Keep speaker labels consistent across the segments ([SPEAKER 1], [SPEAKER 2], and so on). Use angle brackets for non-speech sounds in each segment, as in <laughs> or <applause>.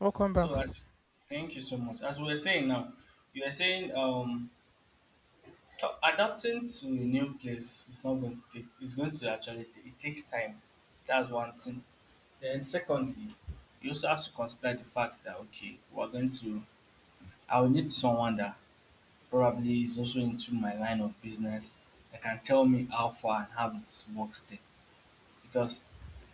[SPEAKER 1] Welcome back.
[SPEAKER 2] So as thank you so much. As we were saying now, you are saying <tsk> adapting to a new place is not going to take it's going to actually ta- it takes time. That's one thing. Then secondly, you also have to consider the fact that okay, we're going to I will need someone that probably is also into my line of business that can tell me how far and how it works there. Because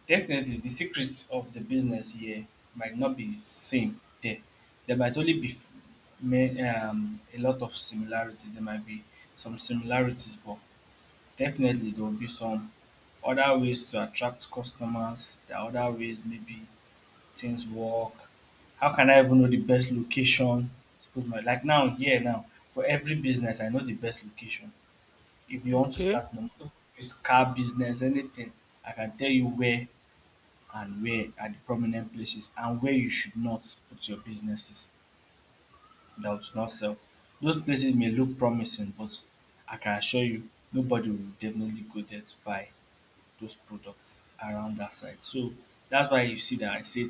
[SPEAKER 2] definitely the secrets of the business here might not be same there. There might only be a lot of similarity. There might be some similarities, but definitely there will be some other ways to attract customers. There are other ways maybe things work. How can I even know the best location? Suppose my like now here now, for every business I know the best location. If you want to
[SPEAKER 1] Okay.
[SPEAKER 2] start, no matter if it's car business anything, I can tell you where and where are the prominent places and where you should not put your businesses that would not sell. Those places may look promising, but I can assure you nobody will definitely go there to buy those products around that side. So that's why you see that I said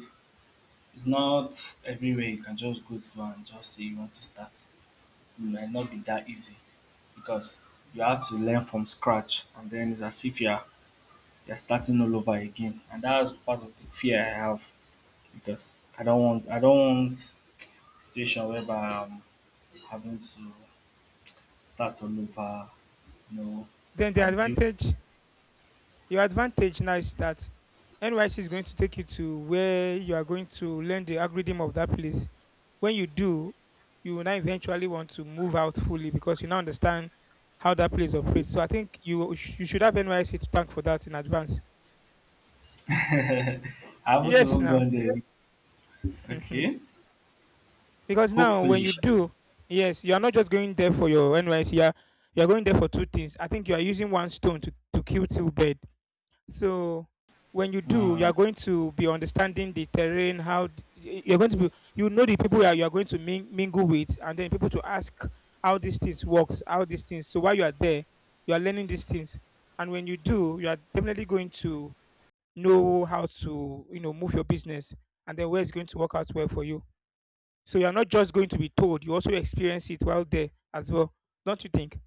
[SPEAKER 2] it's not everywhere you can just go to and just say you want to start. It might not be that easy because you have to learn from scratch and then it's as if you're starting all over again. And that's part of the fear I have because I don't want situation whereby I'm having to start all over, you know,
[SPEAKER 1] Then the
[SPEAKER 2] abuse.
[SPEAKER 1] advantage, your advantage now is that NYC is going to take you to where you are going to learn the algorithm of that place. When you do, you will now eventually want to move out fully because you now understand how that place operates. So I think you should have NYC to thank for that in advance.
[SPEAKER 2] I haven't
[SPEAKER 1] Yes,
[SPEAKER 2] even
[SPEAKER 1] now.
[SPEAKER 2] gone there. Okay.
[SPEAKER 1] <laughs> Because now when
[SPEAKER 2] Hopefully.
[SPEAKER 1] you
[SPEAKER 2] Sha.
[SPEAKER 1] do, yes, you are not just going there for your NYC. You are going there for two things. I think you are using one stone to, kill two birds. So when you do, you are
[SPEAKER 2] Mm,
[SPEAKER 1] going to be understanding the terrain, how you're going to be, you know the people you are going to mingle with, and then people to ask how these things works, how these things. So while you are there, you are learning these things, and when you do, you are definitely going to know how to, you know, move your business, and then where it's going to work out well for you. So you are not just going to be told; you also experience it while there as well. Don't you think?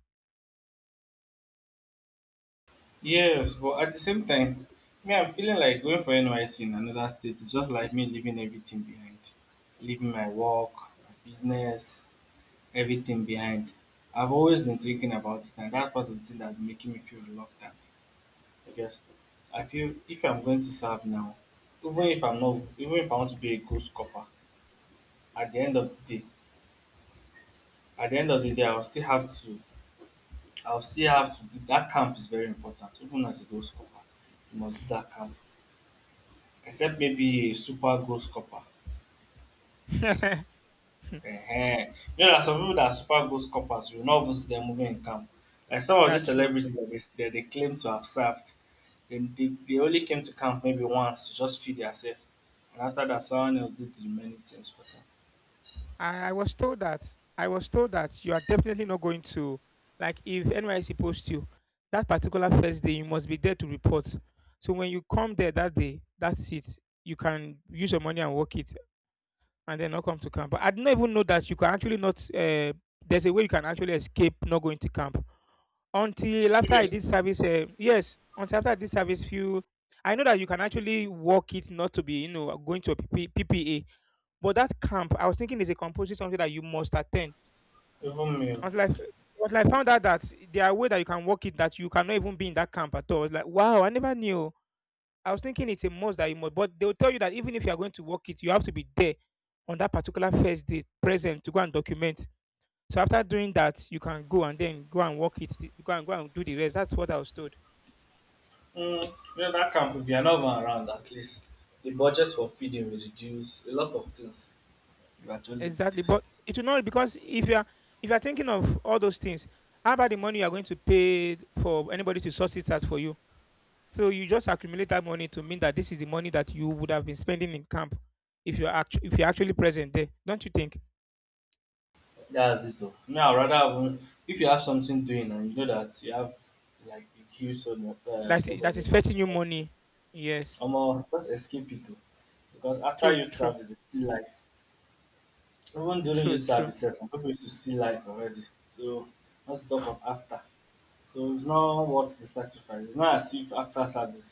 [SPEAKER 2] yes, but at the same time, me I'm feeling like going for NYC in another state is just like me leaving everything behind. Leaving my work, my business, everything behind. I've always been thinking about it and that's part of the thing that's making me feel reluctant. I guess I feel if I'm going to serve now, even if I want to be a good copper, at the end of the day, at the end of the day, I'll still have to. That camp is very important. Even as a goal scorer, you must do that camp. Except maybe a super goal scorer.
[SPEAKER 1] <laughs>
[SPEAKER 2] Ehen. You know, there are some people that are super ghost coppers. You will not even see them moving in camp. Like some of
[SPEAKER 1] Yeah,
[SPEAKER 2] these
[SPEAKER 1] true.
[SPEAKER 2] celebrities that they claim to have served, they only came to camp maybe once to just feed themselves. And after that, someone else did the remaining things for them.
[SPEAKER 1] I was told that you are definitely not going to like if NYC posts you that particular first day you must be there to report. So when you come there that day, that's it. You can use your money and work it and then not come to camp. But I did not even know that you can actually not there's a way you can actually escape not going to camp until after I
[SPEAKER 2] Seriously,
[SPEAKER 1] did service. Yes, until after I did service few. I know that you can actually work it not to be, you know, going to a PPA, but that camp, I was thinking is a compulsory something that you must attend.
[SPEAKER 2] even me. Oh.
[SPEAKER 1] Until I, f- until I found out that there are ways that you can work it that you cannot even be in that camp at all. It's like, wow, I never knew. I was thinking it's a must that you must, but they'll tell you that even if you are going to work it, you have to be there on that particular first day present to go and document. So after doing that, you can go and then go and work it, go and go and do the rest. That's what I was told.
[SPEAKER 2] Mm, you know, that camp, if you are not even around, at least the budget for feeding will reduce. A lot of things will actually
[SPEAKER 1] Exactly.
[SPEAKER 2] reduce.
[SPEAKER 1] But it will not because if you are thinking of all those things, how about the money you are going to pay for anybody to sort it out for you? So you just accumulate that money to mean that this is the money that you would have been spending in camp if you're actually present there. Don't you think
[SPEAKER 2] That's it, though. Me, I'd rather have, if you have something doing and you know that you have like a huge sort of source
[SPEAKER 1] that
[SPEAKER 2] of
[SPEAKER 1] is
[SPEAKER 2] income.
[SPEAKER 1] fetching you money? Yes,
[SPEAKER 2] Omo, just escape it too, because after
[SPEAKER 1] true,
[SPEAKER 2] youth
[SPEAKER 1] true,
[SPEAKER 2] service dey still life. Even during
[SPEAKER 1] true,
[SPEAKER 2] youth
[SPEAKER 1] true.
[SPEAKER 2] services, some people used to see life already. So not to talk of after. So it's not worth the sacrifice. It's not as if after service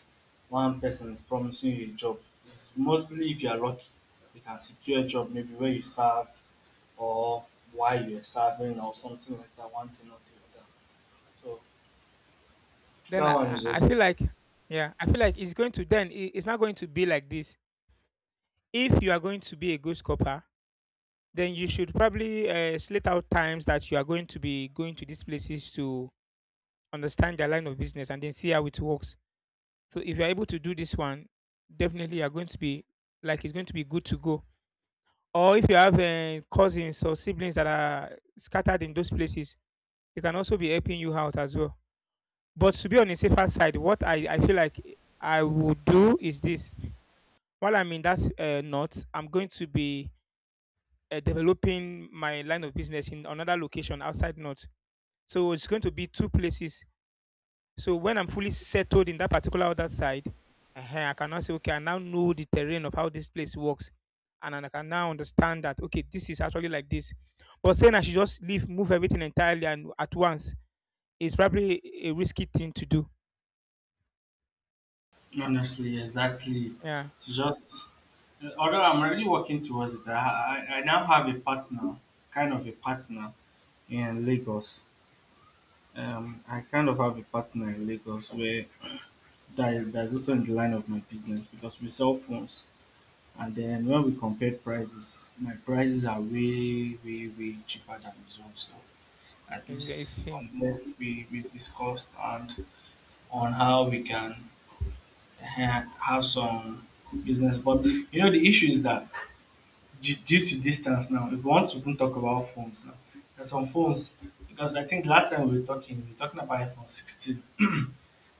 [SPEAKER 2] one person is promising you a job. It's mostly if you are lucky you can secure a job maybe where you served or why you are serving or something like that, one thing or the other. So
[SPEAKER 1] Then
[SPEAKER 2] that one is
[SPEAKER 1] I
[SPEAKER 2] also
[SPEAKER 1] feel like Yeah, I feel like it's going to it's not going to be like this. If you are going to be a good scopper, then you should probably slate out times that you are going to be going to these places to understand their line of business and then see how it works. So if you're able to do this one, definitely you're going to be like it's going to be good to go. Or if you have cousins or siblings that are scattered in those places, they can also be helping you out as well. But to be on the safer side, what I feel like I would do is this. While I'm in that north, I'm going to be developing my line of business in another location outside north. So it's going to be two places. So when I'm fully settled in that particular other side, uh, I can now say, okay, I now know the terrain of how this place works. And I can now understand that, okay, this is actually like this. But saying I should just leave, move everything entirely and at once is probably a risky thing to do.
[SPEAKER 2] honestly, exactly.
[SPEAKER 1] Yeah,
[SPEAKER 2] To just, although I'm already working towards it, I now have a partner, kind of a partner in Lagos. I kind of have a partner in Lagos where that's also in the line of my business because we sell phones. And then when we compare prices, my prices are way, way, way cheaper than his own. So at
[SPEAKER 1] it's,
[SPEAKER 2] least
[SPEAKER 1] it's, eh,
[SPEAKER 2] from there, we discussed and on how we can have some business. But you know, the issue is that due to distance now, if we want to even talk about phones now, there's some phones because I think last time we were talking about iPhone 16.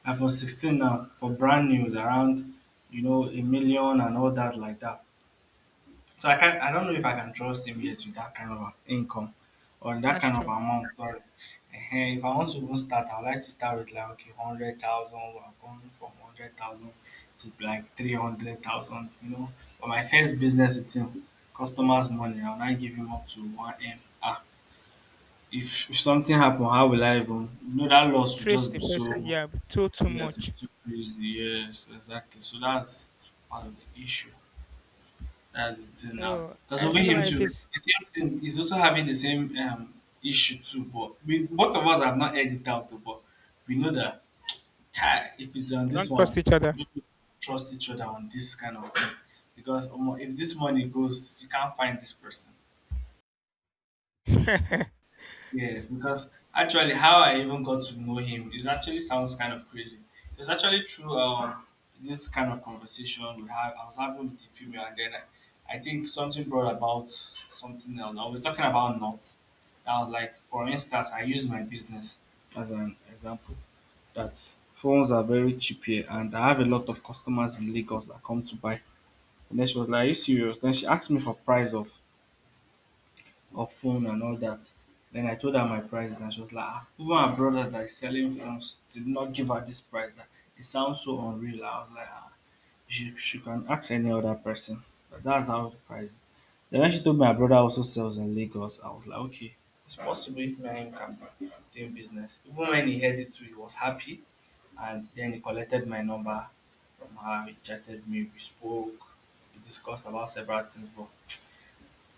[SPEAKER 2] iPhone 16 now for brand new is around you know 1 million and all that like that. So I can not I don't know if I can trust him yet with that kind of income or that
[SPEAKER 1] that's
[SPEAKER 2] kind of
[SPEAKER 1] true.
[SPEAKER 2] amount. Sorry. Ehen, if I want to even start, I would like to start with like okay, 100,000. We're going from 100,000 to like 300,000. You know, but my first business it's in customers' money. I'll not give him up to one m. Ah, if something happen, how will I even? You know that loss will
[SPEAKER 1] Trace
[SPEAKER 2] just
[SPEAKER 1] the
[SPEAKER 2] be
[SPEAKER 1] person,
[SPEAKER 2] so
[SPEAKER 1] yeah, but too
[SPEAKER 2] yes,
[SPEAKER 1] much.
[SPEAKER 2] it's too crazy. Yes, exactly. So that's part of the issue. That's the thing now.
[SPEAKER 1] So,
[SPEAKER 2] That's over him
[SPEAKER 1] anyway, it
[SPEAKER 2] too,
[SPEAKER 1] is,
[SPEAKER 2] the same thing, he's also having the same issue too. But we, both of us have not heard it out, though, but we know that "Kai, if it's on this
[SPEAKER 1] don't trust
[SPEAKER 2] one,
[SPEAKER 1] each other.
[SPEAKER 2] we trust each other on this kind of thing. Because omo, if this money goes, you can't find this person.
[SPEAKER 1] <laughs>
[SPEAKER 2] Yes, because actually how I even got to know him is actually sounds kind of crazy. It was actually through this kind of conversation we had. I was having with the female, and then I think something brought about something else. Now we're talking about knots. I was like, for instance, I use my business as an example that phones are very cheap here, and I have a lot of customers in Lagos that come to buy. And then she was like, "Are you serious?" Then she asked me for price of phone and all that. Then I told her my price, and she was like, ah, even her brother that is selling phones did not give her this price. Like, it sounds so unreal. I was like, ah, she can ask any other person. But that's how the price. Then when she told me her brother also sells in Lagos, I was like, okay, it's possible if me and him can be doing business. Even when he heard it too, he was happy. And then he collected my number from her. He chatted me, we spoke, we discussed about several things. But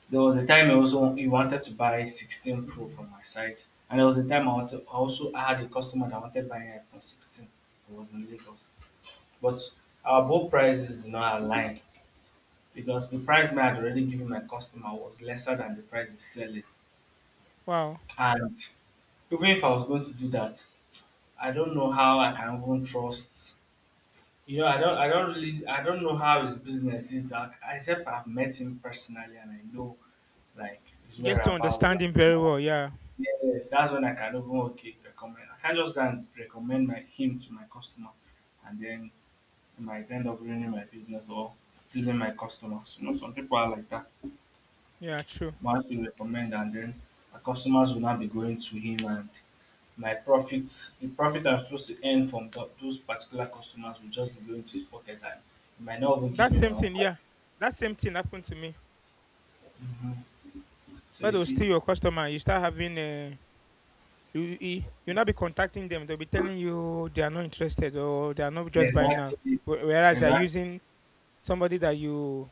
[SPEAKER 2] there was a time I also he wanted to buy 16 Pro from my site, and there was a time I had a customer that wanted buying iPhone 16. It was in Lagos, but our both prices is not aligned because the price I had already given my customer was lesser than the price he's selling.
[SPEAKER 1] Wow.
[SPEAKER 2] And even if I was going to do that, I don't know how I can even trust. You know, I don't know how his business is. I- except I've met him personally and I know like his
[SPEAKER 1] Get to
[SPEAKER 2] whereabouts.
[SPEAKER 1] understand him very well, yeah.
[SPEAKER 2] Yes, that's when I can even okay recommend. I can't just go and recommend my him to my customer, and then it might end up ruining my business or stealing my customers. You know, some people are like that.
[SPEAKER 1] Yeah, true.
[SPEAKER 2] Once you recommend, and then my customers will not be going to him, and my profits, the profit I'm supposed to earn from those particular customers, will just be going to his pocket, and he might not even give
[SPEAKER 1] That
[SPEAKER 2] me my
[SPEAKER 1] same
[SPEAKER 2] own.
[SPEAKER 1] thing, yeah. That same thing happened to me.
[SPEAKER 2] Hmm. So
[SPEAKER 1] Where
[SPEAKER 2] you
[SPEAKER 1] they'll
[SPEAKER 2] see,
[SPEAKER 1] steal your customer, you start having you not be contacting them. They'll be telling you they are not interested or they are not just buying now.
[SPEAKER 2] exactly,
[SPEAKER 1] Whereas they're
[SPEAKER 2] exactly.
[SPEAKER 1] using somebody that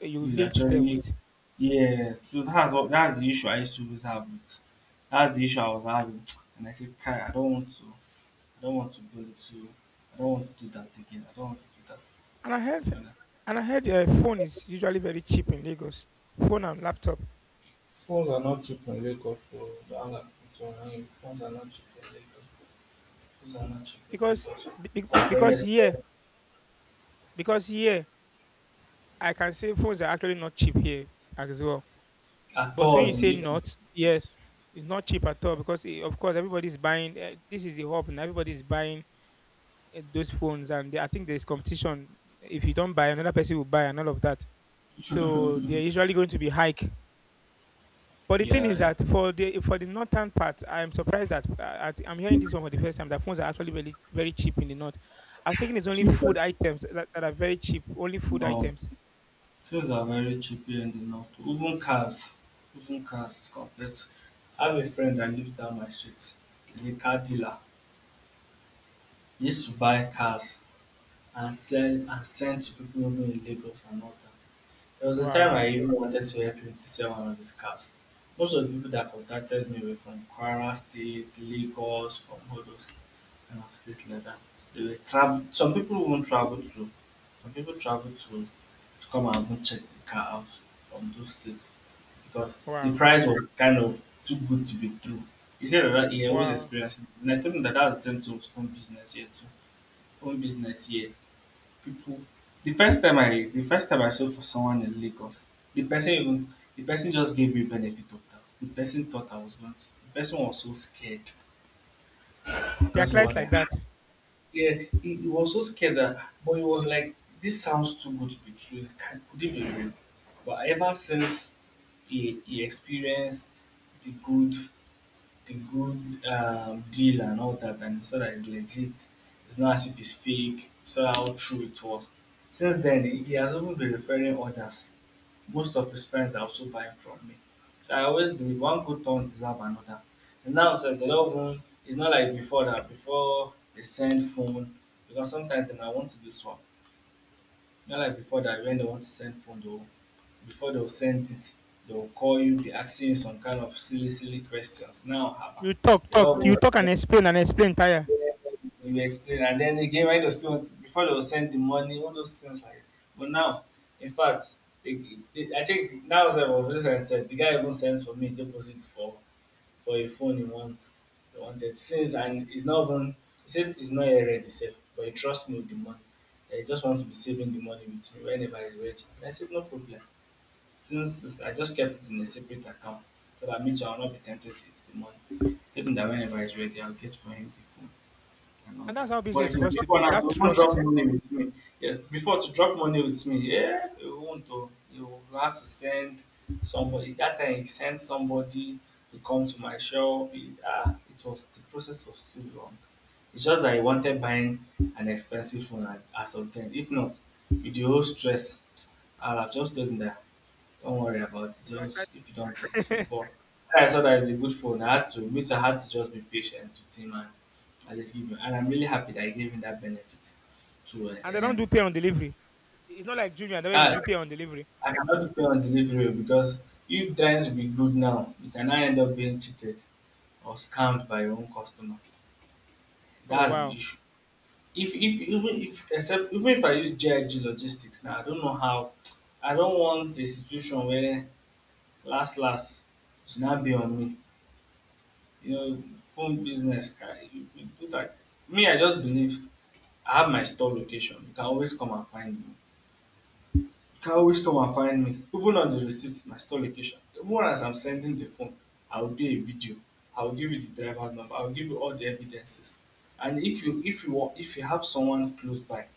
[SPEAKER 1] you
[SPEAKER 2] You
[SPEAKER 1] linked them
[SPEAKER 2] actually
[SPEAKER 1] with.
[SPEAKER 2] yes, so that's what that's the issue I used to always have with that's the issue I was having <tsk> and I said, "Kai, I don't want to I don't want to go into I don't want to do that again. I don't want to do that."
[SPEAKER 1] And I heard
[SPEAKER 2] Honestly.
[SPEAKER 1] and I heard phone is usually very cheap in Lagos. Phone and laptop
[SPEAKER 2] Phones are not cheap in Lagos, so don't hang up with phones are not cheap in Lagos. Phones are not cheap in
[SPEAKER 1] because
[SPEAKER 2] Lagos.
[SPEAKER 1] be, be, be-
[SPEAKER 2] They're very
[SPEAKER 1] because here
[SPEAKER 2] expensive.
[SPEAKER 1] because here I can say phones are actually not cheap here as well.
[SPEAKER 2] At
[SPEAKER 1] But when you
[SPEAKER 2] all,
[SPEAKER 1] say
[SPEAKER 2] even
[SPEAKER 1] not, yes, it's not cheap at all because eh, of course everybody's buying. This is the hub, and everybody's buying those phones. And I think there's competition. If you don't buy, another person will buy, and all of that. So they're usually going to be hike. But the thing
[SPEAKER 2] yeah,
[SPEAKER 1] is
[SPEAKER 2] yeah.
[SPEAKER 1] that for the northern part, I'm surprised that I'm hearing this one for the first time. That phones are actually very very cheap in the north. I was thinking it's only
[SPEAKER 2] Cheap
[SPEAKER 1] food
[SPEAKER 2] but
[SPEAKER 1] items that are very cheap. Only food
[SPEAKER 2] no.
[SPEAKER 1] items.
[SPEAKER 2] Things are very cheap here in the north. Even cars compared to I have a friend that lives down my street. He's a car dealer. He used to buy cars and sell and send to people living in Lagos and all that. There was a time
[SPEAKER 1] Wow,
[SPEAKER 2] I even wanted to help him to sell one of his cars. Most of the people that contacted me were from Kwara State, Lagos, from all those kind of states like that. They were travel some people even travel to some people travel to come and even check the car out from those states because the
[SPEAKER 1] wow,
[SPEAKER 2] price was kind of too good to be true. He said that he was
[SPEAKER 1] wow.
[SPEAKER 2] experiencing it. And I told him that that's the same to phone business here too. Phone business here, people. The first time I sold for someone in Lagos, the person even, the person just gave me benefit of doubt. The person thought I was going to. The person was so scared
[SPEAKER 1] There are
[SPEAKER 2] because he
[SPEAKER 1] clients
[SPEAKER 2] was
[SPEAKER 1] like
[SPEAKER 2] like,
[SPEAKER 1] that.
[SPEAKER 2] yeah, he was so scared that, but he was like, this sounds too good to be true. Could it be real? But ever since he experienced the good, the good deal and all that, and he saw that it's legit, it's not as if it's fake, he saw how true it was. Since then, he has even been referring others, most of his friends are also buying from me. So I always believe one good turn deserve another. And now sef dey don even, it's not like before that. Before they send phone because sometimes dey might want to dey swap. Not like before that when dey want to send phone dey go, before they go send it they will call you be asking you some kind of silly silly questions. Now haba
[SPEAKER 1] You
[SPEAKER 2] dey
[SPEAKER 1] talk
[SPEAKER 2] don
[SPEAKER 1] you talk
[SPEAKER 2] even.
[SPEAKER 1] and explain tire
[SPEAKER 2] Yes, you explain, and then again, why those things before they will send the money, all those things like. But now, in fact, they, they, I think that was what was just said. The guy even sends for me deposits for a phone he wants. He wanted since, and it's not even. He said it's not yet ready, safe, but he trusts me with the money. That He just wants to be saving the money with me whenever he's ready. And I said no problem. I just kept it in a separate account so that me too, I'll not be tempted with the money. Tell him that whenever he's ready, I'll get for him the phone and all
[SPEAKER 1] and that's
[SPEAKER 2] that.
[SPEAKER 1] how business
[SPEAKER 2] But
[SPEAKER 1] is
[SPEAKER 2] it's
[SPEAKER 1] supposed to
[SPEAKER 2] before
[SPEAKER 1] be
[SPEAKER 2] now,
[SPEAKER 1] that
[SPEAKER 2] to even drop
[SPEAKER 1] trust
[SPEAKER 2] money with me, yes, before to drop money with me, yeah, you won't do. You will have to send somebody. That time, he sent somebody to come to my shop. It was the process was too long. It's just that I wanted buying an expensive phone as of then. If not, with the whole stress, I'll have just told him that don't worry about it.
[SPEAKER 1] you are
[SPEAKER 2] Just if you don't do this,
[SPEAKER 1] tired.
[SPEAKER 2] but when I saw that it's a good phone. Which I had to just be patient with him and I just give him, and I'm really happy that I gave him that benefit. So,
[SPEAKER 1] <laughs> And they don't do pay on delivery. It's not like junior the way you
[SPEAKER 2] I,
[SPEAKER 1] do pay on delivery.
[SPEAKER 2] I cannot depend on delivery because you trying to be good now, you can now end up being cheated or scammed by your own customer.
[SPEAKER 1] Oh
[SPEAKER 2] That's the
[SPEAKER 1] wow.
[SPEAKER 2] issue. If even if except even if I use GIG logistics now, I don't know how. I don't want a situation where last last should not be on me. You know, phone business, guy, you do that. Me, I just believe I have my store location. You can always come and find me. Even on the receipt, my store location. Even as I'm sending the phone, I'll do a video. I'll give you the driver's number. I'll give you all the evidences. And if you have someone close by,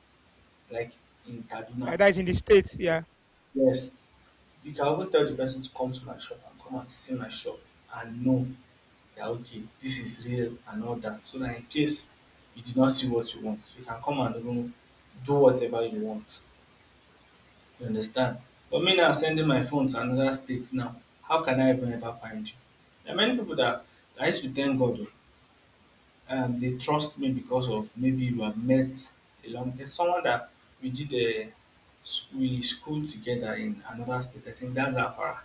[SPEAKER 2] like in
[SPEAKER 1] Eh,
[SPEAKER 2] Kaduna,
[SPEAKER 1] that is in the states, yeah.
[SPEAKER 2] yes, you can even tell the person to come to my shop and come and see my shop and know that okay, this is real and all that. So that in case you did not see what you want, you can come and even do whatever you want. You understand? But me now sending my phone to another state now, how can I even ever find you? There are many people that I used to thank God oh, they trust me because of maybe we have met along. There's someone that we did a we school together in another state, I think that's Afara.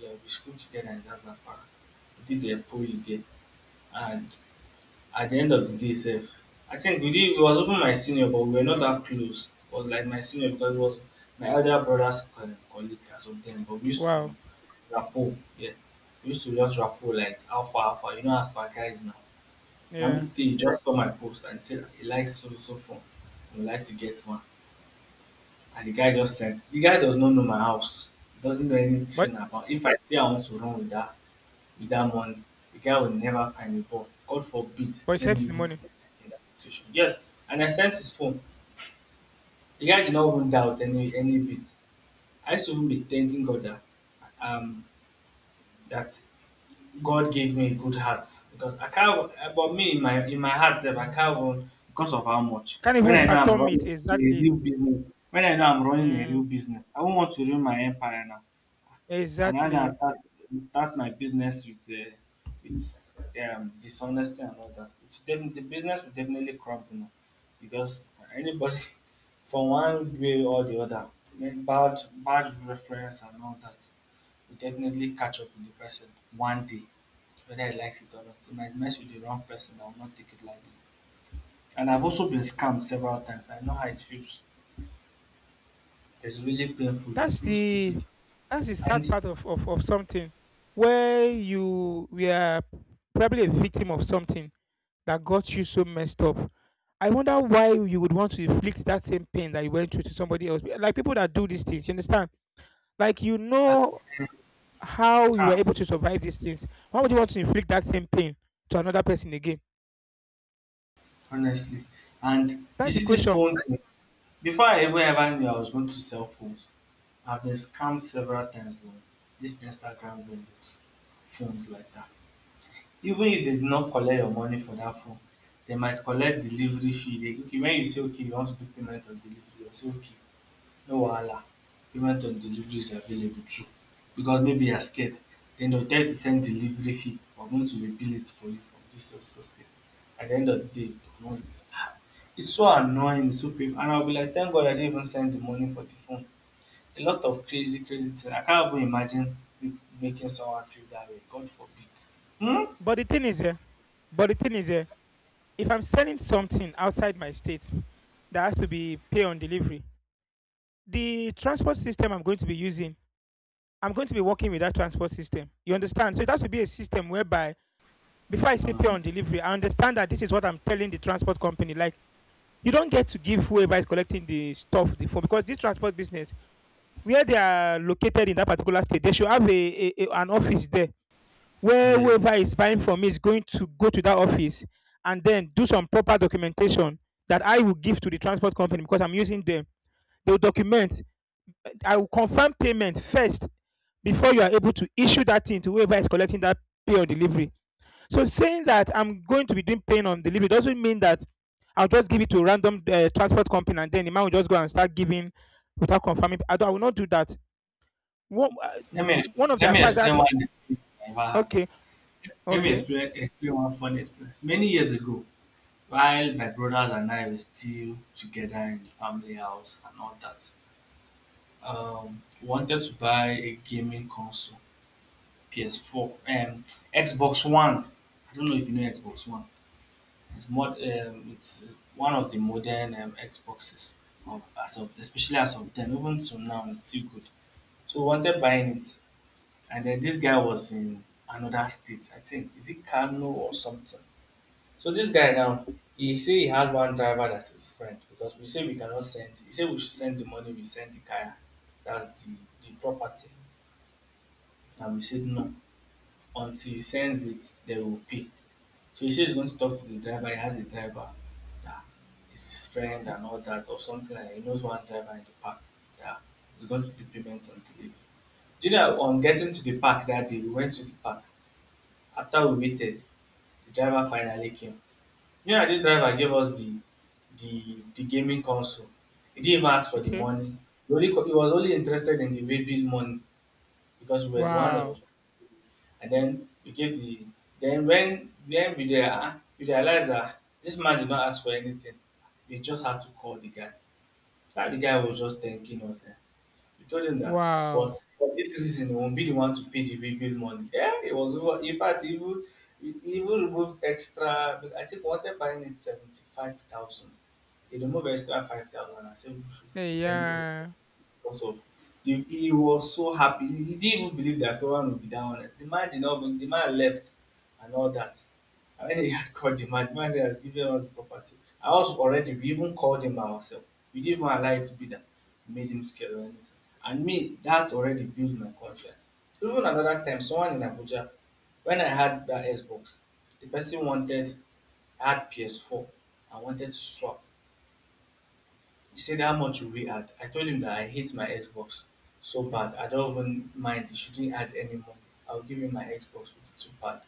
[SPEAKER 2] Yeah, we school together in that's Afara. We did a poly there and at the end of the day sef, I think we didn't, he was even my senior but we were not that close. He was like my senior because it was my elder brother's colleague or something, but we used to
[SPEAKER 1] Wow.
[SPEAKER 2] rapport, yeah, we used to just rapport like alpha alpha, you know, as per guys now. Na me
[SPEAKER 1] Yeah,
[SPEAKER 2] today he just saw my post and said he likes so so phone, he would like to get one. And the guy does not know my house, he doesn't know
[SPEAKER 1] but
[SPEAKER 2] anything about. If I say I want to run with that money, the guy will never find a ball. God forbid.
[SPEAKER 1] but
[SPEAKER 2] Let
[SPEAKER 1] sent
[SPEAKER 2] me
[SPEAKER 1] the
[SPEAKER 2] even put
[SPEAKER 1] money.
[SPEAKER 2] myself in that situation. Yes. And I sent his phone. The guy did not even doubt any bit. I used to even be thanking God that um that God gave me a good heart because I can't. But me in my heart, sef, I can't run because of how much.
[SPEAKER 1] Can't even fathom it, exactly.
[SPEAKER 2] When I know I'm running a real
[SPEAKER 1] Mm,
[SPEAKER 2] business, I won't want to ruin my empire now. And I
[SPEAKER 1] exactly.
[SPEAKER 2] can start my business with with dishonesty and all that. The business will definitely crumble because anybody <laughs> from one way or the other, make bad reference and all that will definitely catch up with the person one day, whether he likes it or not. He might mess with the wrong person. I will not take it lightly. And I've also been scammed several times. I know how it feels. It's really painful. You
[SPEAKER 1] That's
[SPEAKER 2] feel
[SPEAKER 1] the
[SPEAKER 2] stupid.
[SPEAKER 1] sad
[SPEAKER 2] And
[SPEAKER 1] part of, of something where you we are probably a victim of something that got you so messed up. I wonder why you would want to inflict that same pain that you went through to somebody else. Like people that do these things, you understand? Like you
[SPEAKER 2] at the
[SPEAKER 1] know
[SPEAKER 2] same
[SPEAKER 1] how you were
[SPEAKER 2] time,
[SPEAKER 1] able to survive these things. Why would you want to inflict that same pain to another person again?
[SPEAKER 2] honestly. And you
[SPEAKER 1] That's the
[SPEAKER 2] see this
[SPEAKER 1] question.
[SPEAKER 2] phone thing, before I even ever knew I was going to sell phones, I've been scammed several times on this Instagram vendors, phones like that. Even if they did not collect your money for that phone, they might collect delivery fee. Okay, when you say okay, you want to do payment of delivery, they'll say okay no wahala, payment of delivery is available too because maybe you are scared. Dem go tell you to send delivery fee, we are going to rebill it for you from this so so state. At the end of the day, no, it's so annoying, it's so painful and I will be like thank God I didn't even send the money for the phone. A lot of crazy crazy thing. I can't even imagine me making someone feel that way. God forbid. Hmm.
[SPEAKER 1] But the thing is, eh, but the thing is, eh, if I'm selling something outside my state that has to be pay on delivery, the transport system I'm going to be using, I'm going to be working with that transport system. You understand? So it has to be a system whereby before I say pay
[SPEAKER 2] um
[SPEAKER 1] on delivery, I understand that this is what I'm telling the transport company. Like, you don't get to give whoever is collecting the stuff the phone because this transport business, where they are located in that particular state, they should have a, an office there where
[SPEAKER 2] yeah,
[SPEAKER 1] whoever is buying from me is going to go to that office and then do some proper documentation that I will give to the transport company because I'm using them. They will document. I will confirm payment first before you are able to issue that thing to whoever is collecting that pay on delivery. So saying that I'm going to be doing paying on delivery doesn't mean that I'll just give it to a random transport company and then the man will just go and start giving without confirming. I will not do that. One,
[SPEAKER 2] let me
[SPEAKER 1] one of the
[SPEAKER 2] let me
[SPEAKER 1] affairs that,
[SPEAKER 2] explain one experience I ever had.
[SPEAKER 1] okay,
[SPEAKER 2] let me
[SPEAKER 1] okay,
[SPEAKER 2] explain explain one funny experience many years ago. While my brothers and I were still together in the family house and all that, we wanted to buy a gaming console, PS4, um, Xbox One. I don't know if you know Xbox One. It's one of the modern Xboxes, as of, especially as of then. Even till now, it's still good. So we wanted buying it, and then this guy was in another state. I think is it Kano or something. So this guy now, he say he has one driver that's his friend because we say we cannot send. He say we should send the money we send the kaya, that's the property, and we said no. Until he sends it, they will pay. So he says he's going to talk to the driver. He has a driver that is his friend and all that, or something like that. He knows one driver in the park that is going to do payment on delivery. Do you know on getting to the park that day, we went to the park. After we waited, the driver finally came. Me and dis driver gave us the the gaming console. He didn't even ask for the
[SPEAKER 1] okay.
[SPEAKER 2] money. He was only interested in the way bill money because we were the one that
[SPEAKER 1] Wow.
[SPEAKER 2] was, and then we gave the, then when we there we realized that this man did not ask for anything. We just had to call the guy. That the guy was just thanking us. You told him that. But
[SPEAKER 1] Wow.
[SPEAKER 2] for this reason, he won't be the one to pay the way bill money. Yeah, it was over. In fact, he even removed extra. I think one time buying it 75,000. He removed extra 5,000 and said we should
[SPEAKER 1] Hey,
[SPEAKER 2] send only
[SPEAKER 1] yeah.
[SPEAKER 2] because of the, he was so happy. He didn't even believe that someone would be that honest. The man did not the man left and all that. I mean, he had called the man. The man said, he has given us the property. I was already, we even called him by ourselves. We didn't even allow it to be that made him scared or anything. And me, that already builds my conscience. Even another time, someone in Abuja, when I had that Xbox, the person wanted, I had PS4, I wanted to swap. He said, how much will we add? I told him that I hate my Xbox so bad. I don't even mind. He shouldn't add any money. I'll give him my Xbox with the two pad.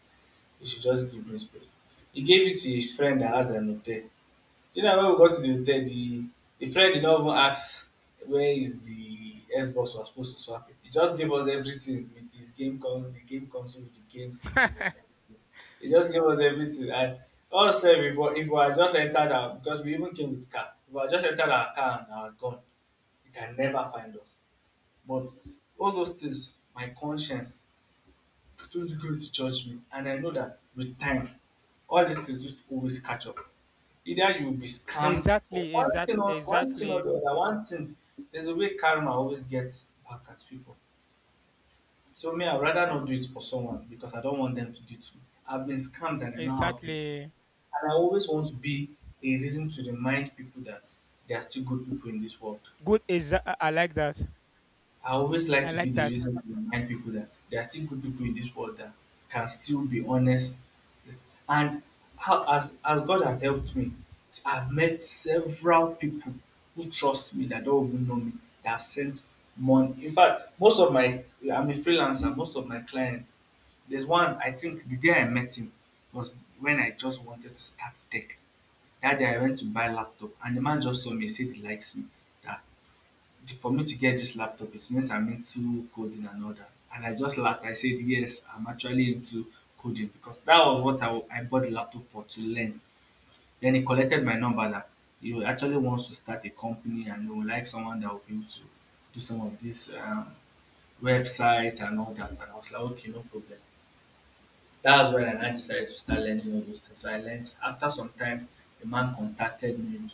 [SPEAKER 2] He should just give me space. He gave it to his friend that has an hotel. Do you know when we got to the hotel, the friend did not even ask where is the Xbox we're supposed to swap it. He just gave us everything with his game con the game console, with the game cities and
[SPEAKER 1] <laughs>
[SPEAKER 2] everything. He just gave us everything and us sef, if we had just entered our because we even came with car. If we had just entered our car and are gone, he can never find us. But all those things, my conscience don't go to judge me, and I know that with time all these things just always catch up. Either you will be scammed or
[SPEAKER 1] Exactly,
[SPEAKER 2] one thing or one thing or
[SPEAKER 1] exactly,
[SPEAKER 2] the other, one thing there's a way karma always gets back at people. So me I'd rather not do it for someone because I don't want them to do it to me. I've been scammed and I know how people
[SPEAKER 1] exactly.
[SPEAKER 2] and I always want to be a reason to remind people that there are still good people in this world.
[SPEAKER 1] Good, I like that.
[SPEAKER 2] I always like
[SPEAKER 1] I
[SPEAKER 2] to be
[SPEAKER 1] like
[SPEAKER 2] the
[SPEAKER 1] that.
[SPEAKER 2] reason to remind people that there are still good people in this world that can still be honest. It's- And how as God has helped me, I've met several people who trust me that don't even know me that have sent money. In fact, most of my I'm a freelancer. Most of my clients, there's one I think the day I met him was when I just wanted to start tech that day I went to buy laptop and the man just saw me said he likes me that for me to get this laptop, it means I'm into coding and all that. And I just laughed. I said, yes, I'm actually into coding because that was what I bought the laptop for to learn. Then he collected my number that he actually wants to start a company and he would like someone that will be able to do some of this websites and all that. And I was like, okay, no problem. That's when I now decided to start learning all those things. So I learned after some time, a man contacted me, we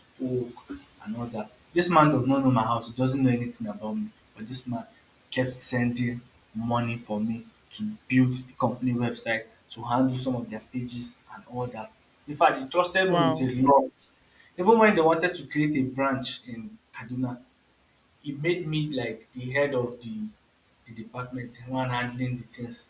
[SPEAKER 2] spoke and all that. This man does not know my house, he doesn't know anything about me. But this man kept sending money for me to build the company website, to handle some of their pages and all that. In fact, he trusted me with
[SPEAKER 1] Wow.
[SPEAKER 2] a lot. Even when they wanted to create a branch in Kaduna, he made me like the head of the department, the one handling the things.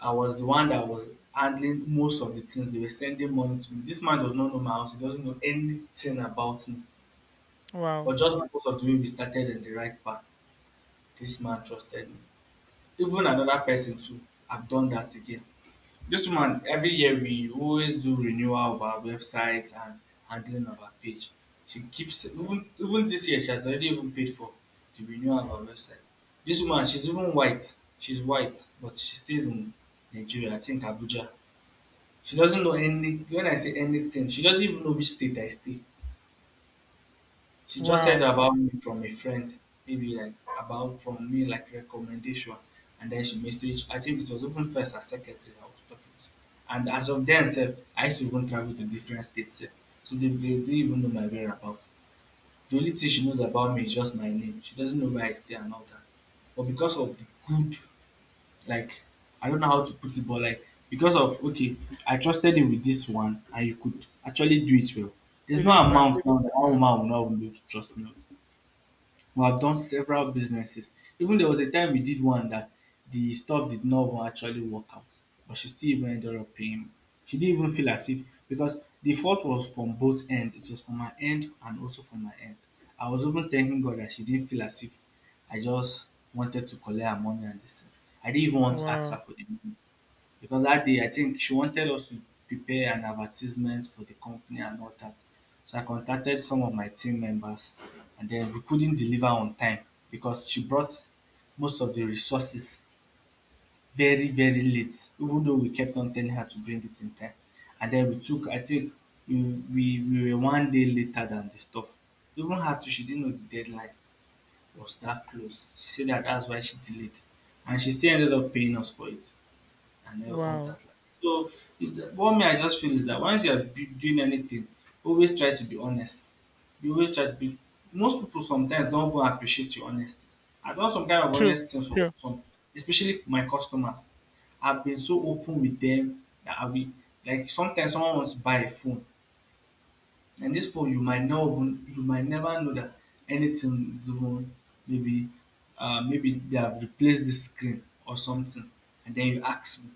[SPEAKER 2] I was the one that was handling most of the things. They were sending money to me. This man does not know my house. He doesn't know anything about me.
[SPEAKER 1] Wow.
[SPEAKER 2] But just because of the way we started in the right path, this man trusted me. Even another person too. I've done that again. This man every year we always do renewal of our websites and handling of our page. She keeps even this year she has already even paid for the renewal of our website. This woman, she's even white. She's white, but she stays in Nigeria, I think Abuja. She doesn't know any when I say anything, she doesn't even know which state I stay. She just heard
[SPEAKER 1] Wow.
[SPEAKER 2] about me from a friend, maybe like about from me like recommendation. And then she messaged, I think it was even first as secretary I was talking to. And as of then sef, I used to even travel to different states sef. So they didn't even know my whereabout. The only thing she knows about me is just my name. She doesn't know where I stay and all that. But because of the good like I don't know how to put it, but like because of okay, I trusted him with this one and you could actually do it well. There's no
[SPEAKER 1] Believer.
[SPEAKER 2] amount now that
[SPEAKER 1] Yeah.
[SPEAKER 2] one woman will not be able to trust me. With. We have done several businesses. Even there was a time we did one that the stuff did not even actually work out, but she still even ended up paying me. She didn't even feel as if because the fault was from both ends. It was from her end and also from my end. I was even thanking God that she didn't feel as if I just wanted to collect her money and this thing. I didn't even want to ask her
[SPEAKER 1] Wow.
[SPEAKER 2] for the money. Because that day, I think she wanted us to prepare an advertisement for the company and all that. So I contacted some of my team members, and then we couldn't deliver on time because she brought most of the resources very, very late, even though we kept on telling her to bring it in time. And then we took, I think, we were one day later than the stuff. Even her too, she didn't know the deadline was that close. She said that that's why she delayed. And she still ended up paying us for it and all that.
[SPEAKER 1] Wow.
[SPEAKER 2] Like. So is that what me I just feel is that once you are doing anything, always try to be honest. You always try to be. Most people sometimes don't even appreciate your honesty. I've done some kind of
[SPEAKER 1] True,
[SPEAKER 2] honest things for
[SPEAKER 1] true.
[SPEAKER 2] some, especially my customers. I've been so open with them that I will like sometimes someone wants to buy a phone, and this phone you might not even you might never know that anything is even maybe maybe they have replaced the screen or something, and then you ask me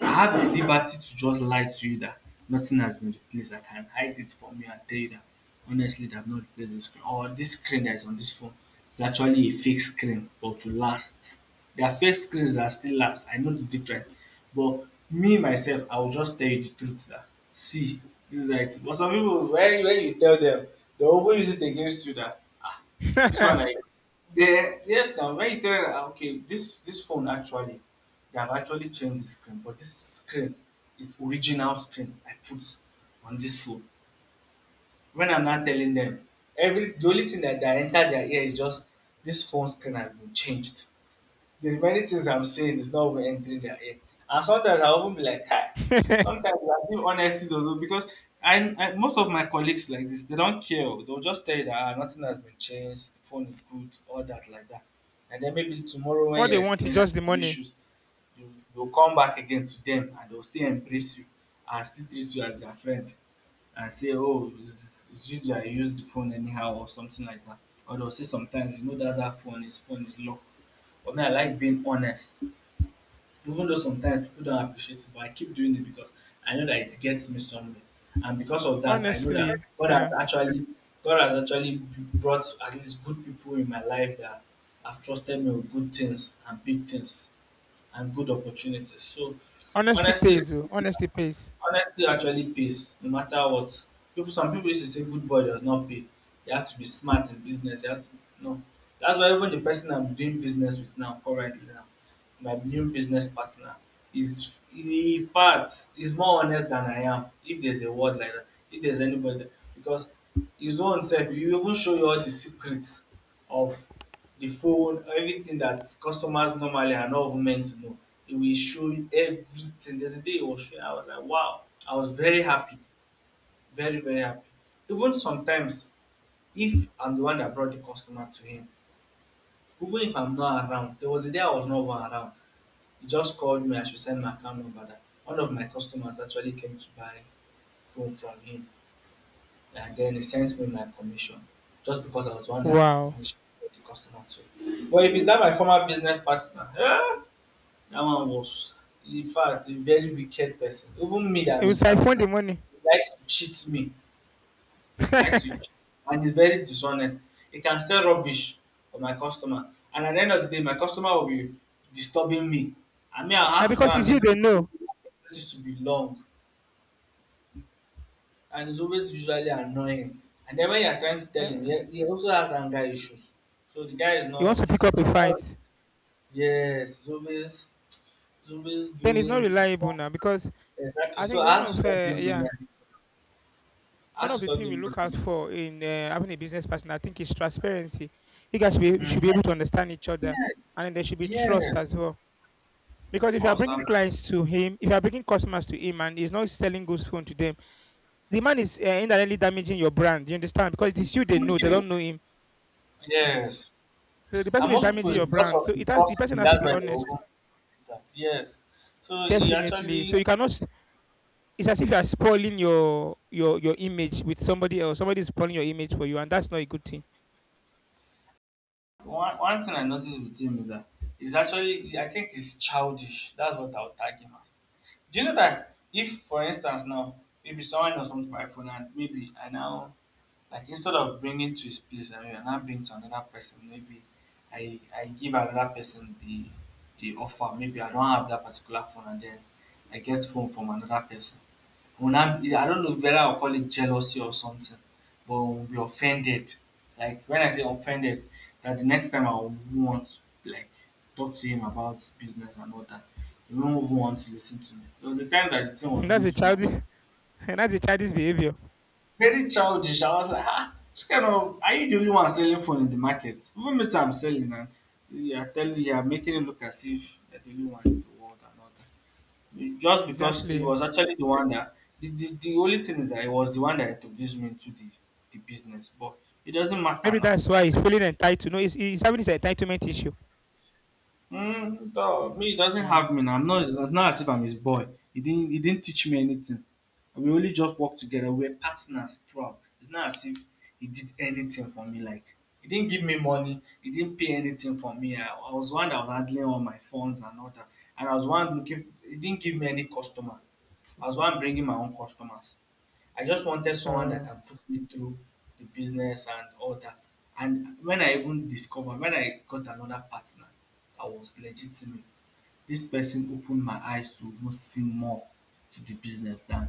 [SPEAKER 2] I have the liberty to just lie to you that nothing has been replaced. I can hide it from you and tell you that honestly they have not replaced this screen. Or this screen that is on this phone is actually a fake screen but to last. There are fake screens that still last. I know the difference. But me myself, I will just tell you the truth that see this is how it is. But some people when you tell them, they will even use it against you that ah this one I
[SPEAKER 1] <laughs>
[SPEAKER 2] yeah, yes now when you tell them that okay this phone actually they have actually changed the screen but this screen is original screen I put on this phone. When I'm not telling them every the only thing that enter their ear is just this phone screen has been changed there's many things I'm saying is not even entering their ear. And sometimes I'll even be like, hi. Sometimes I feel honesty though, because I most of my colleagues like this, they don't care. Oh. They'll just tell you that "Ah, nothing has been changed, the phone is good, all that like that. And then maybe tomorrow when
[SPEAKER 1] What they
[SPEAKER 2] you're
[SPEAKER 1] want is
[SPEAKER 2] experiencing
[SPEAKER 1] just the
[SPEAKER 2] some
[SPEAKER 1] money.
[SPEAKER 2] issues, you will come back again to them and they'll still embrace you and still treat you as their friend and say, oh, it's you that used the phone anyhow or something like that. Or they'll say sometimes, you know, that's how phone is locked. But me, I like being honest. Even though sometimes people don't appreciate it, but I keep doing it because I know that it gets me somewhere. And because of that, I know that
[SPEAKER 1] Honestly,
[SPEAKER 2] God has
[SPEAKER 1] yeah.
[SPEAKER 2] actually God has actually brought at least good people in my life that have trusted me with good things and big things and good opportunities. So
[SPEAKER 1] Honesty
[SPEAKER 2] honesty is
[SPEAKER 1] pays. Oh, honesty pays.
[SPEAKER 2] honesty actually pays no matter what. People some people used to say good boy does not pay. You have to be smart in business. You have to no. That's why even the person I'm doing business with now currently now, my new business partner, is in fact is more honest than I am. If there's a word like that, if there's anybody because his own self, he even show you all the secrets of the phone, everything that customers normally are not even meant to know. It will show you everything. There's a day it was showing, I was like, wow. I was very happy. Very, very happy. Even sometimes, if I'm the one that brought the customer to him, even if I'm not around, there was a day I was not even around. He just called me, I should send my account number. That one of my customers actually came to buy phone from him. And then he sent me my commission just because I was the one that
[SPEAKER 1] Wow.
[SPEAKER 2] initially brought the customer to him. But if it's not my former business partner, eh, that one was, in fact, a very wicked person. Even me that
[SPEAKER 1] It
[SPEAKER 2] I'm
[SPEAKER 1] was
[SPEAKER 2] his
[SPEAKER 1] siphon
[SPEAKER 2] partner,
[SPEAKER 1] the money.
[SPEAKER 2] he likes to cheat me.
[SPEAKER 1] <laughs>
[SPEAKER 2] He likes to
[SPEAKER 1] And
[SPEAKER 2] cheat. And he's very dishonest. He can sell rubbish for my customer. And at the end of the day, my customer will be disturbing me. I mean, I'll have to go
[SPEAKER 1] because
[SPEAKER 2] and
[SPEAKER 1] it's you
[SPEAKER 2] meet
[SPEAKER 1] they
[SPEAKER 2] him.
[SPEAKER 1] know.
[SPEAKER 2] This to be long. And it's always usually annoying. And then when you're trying to tell
[SPEAKER 1] Eh,
[SPEAKER 2] him, he also has anger issues. So the guy is
[SPEAKER 1] you want to
[SPEAKER 2] not,
[SPEAKER 1] pick up a fight.
[SPEAKER 2] yes, he's always
[SPEAKER 1] Then it's not
[SPEAKER 2] doing.
[SPEAKER 1] reliable now because
[SPEAKER 2] Exactly.
[SPEAKER 1] I
[SPEAKER 2] So
[SPEAKER 1] think
[SPEAKER 2] I
[SPEAKER 1] one
[SPEAKER 2] had to
[SPEAKER 1] of
[SPEAKER 2] stop doing
[SPEAKER 1] yeah,
[SPEAKER 2] business. I
[SPEAKER 1] one
[SPEAKER 2] had to
[SPEAKER 1] of the
[SPEAKER 2] stop
[SPEAKER 1] things we
[SPEAKER 2] doing
[SPEAKER 1] look out
[SPEAKER 2] business.
[SPEAKER 1] for in having a business partner I think is transparency. You guys should
[SPEAKER 2] Mm-hmm.
[SPEAKER 1] be able to understand each other
[SPEAKER 2] Yes,
[SPEAKER 1] and then there should be trust
[SPEAKER 2] yes.
[SPEAKER 1] as well. Because if you are
[SPEAKER 2] Trust.
[SPEAKER 1] bringing
[SPEAKER 2] I'm
[SPEAKER 1] clients to him, if you are bringing customers to him and he's not selling goods phone to them, the man is indirectly damaging your brand. Do you understand? Because
[SPEAKER 2] thank
[SPEAKER 1] it's you they know, they
[SPEAKER 2] you.
[SPEAKER 1] don't know him.
[SPEAKER 2] Yes.
[SPEAKER 1] So the person
[SPEAKER 2] And
[SPEAKER 1] is
[SPEAKER 2] most people
[SPEAKER 1] damaging
[SPEAKER 2] is
[SPEAKER 1] your
[SPEAKER 2] because
[SPEAKER 1] brand.
[SPEAKER 2] of
[SPEAKER 1] So
[SPEAKER 2] the
[SPEAKER 1] it has the
[SPEAKER 2] trust
[SPEAKER 1] person
[SPEAKER 2] me.
[SPEAKER 1] has to
[SPEAKER 2] That's
[SPEAKER 1] be
[SPEAKER 2] why they
[SPEAKER 1] honest,
[SPEAKER 2] open business. Yes. So you
[SPEAKER 1] definitely.
[SPEAKER 2] actually.
[SPEAKER 1] So you cannot. It's as if you are spoiling your image with somebody else. Somebody is spoiling your image for you, and that's not a good thing.
[SPEAKER 2] One thing I notice with him is that he's actually I think he's childish. That's what I'll tag him as. Do you know that if for instance now maybe someone else comes to my phone and maybe I now like instead of bringing to his place I, mean, I now bring to another person, maybe I give another person the offer, maybe I don't have that particular phone and then I get phone from another person. We'll now be, I don't know whether I'll call it jealousy or something, but we'll be offended. Like when I say offended, that the next time I'll want to like talk to him about business and all that. He won't even want to listen to me. There was a time that the
[SPEAKER 1] <laughs>
[SPEAKER 2] thing was
[SPEAKER 1] That's
[SPEAKER 2] even
[SPEAKER 1] a
[SPEAKER 2] too much.
[SPEAKER 1] childish. <laughs> That's a childish behavior.
[SPEAKER 2] Very childish. I was like, ah, this kind of, are you the only one selling phone in the market? Even me too, I'm selling and you are telling, you are making it look as if you're the only one in the world and all that. Just because it
[SPEAKER 1] Exactly.
[SPEAKER 2] was actually the one that the only thing is that it was the one that introduced me to the business, but it doesn't matter
[SPEAKER 1] Maybe
[SPEAKER 2] now.
[SPEAKER 1] that's why he's feeling entitled. No, he's having this entitlement issue.
[SPEAKER 2] Mm, no, me, he doesn't have
[SPEAKER 1] Mm.
[SPEAKER 2] me now. I'm not, it's not as if I'm his boy. He didn't teach me anything. We only just worked together. We were partners throughout. It's not as if he did anything for me. Like, he didn't give me money. He didn't pay anything for me. I was the one that was handling all my funds and all that. And I was the one looking, he didn't give me any customer. I was the one bringing my own customers. I just wanted someone that
[SPEAKER 1] Uh,
[SPEAKER 2] can put me through the business and all that. And when I even discovered, when I got another partner that was legitimate, this person opened my eyes to even see more to the business than,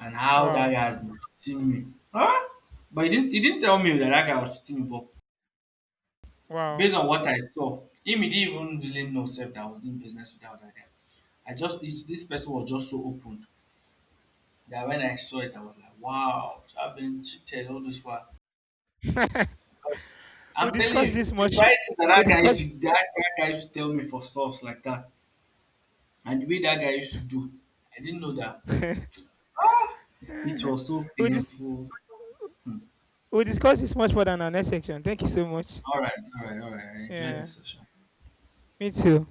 [SPEAKER 2] and how that
[SPEAKER 1] wow.
[SPEAKER 2] guy has been cheating me. Huh? But he didn't tell me that that guy was cheating me, but
[SPEAKER 1] Wow.
[SPEAKER 2] based on what I saw, him, he didn't even really know self that I was doing business without that guy. I just it's- this person was just so open that when I saw it, I was like, wow, I've been cheated all this while.
[SPEAKER 1] We'll
[SPEAKER 2] I'm telling
[SPEAKER 1] discuss
[SPEAKER 2] you,
[SPEAKER 1] this
[SPEAKER 2] the
[SPEAKER 1] much.
[SPEAKER 2] prices that
[SPEAKER 1] We'll
[SPEAKER 2] that guy used to
[SPEAKER 1] discuss.
[SPEAKER 2] that, that guy used to tell me for stuff like that, and the way that guy used to do, I didn't know that
[SPEAKER 1] <laughs>
[SPEAKER 2] it was so
[SPEAKER 1] we'll, dis-
[SPEAKER 2] painful. Hmm.
[SPEAKER 1] We'll discuss this much further in our next section. Thank you so much.
[SPEAKER 2] All right, all right, all right. I enjoyed
[SPEAKER 1] Yeah,
[SPEAKER 2] this session.
[SPEAKER 1] me too.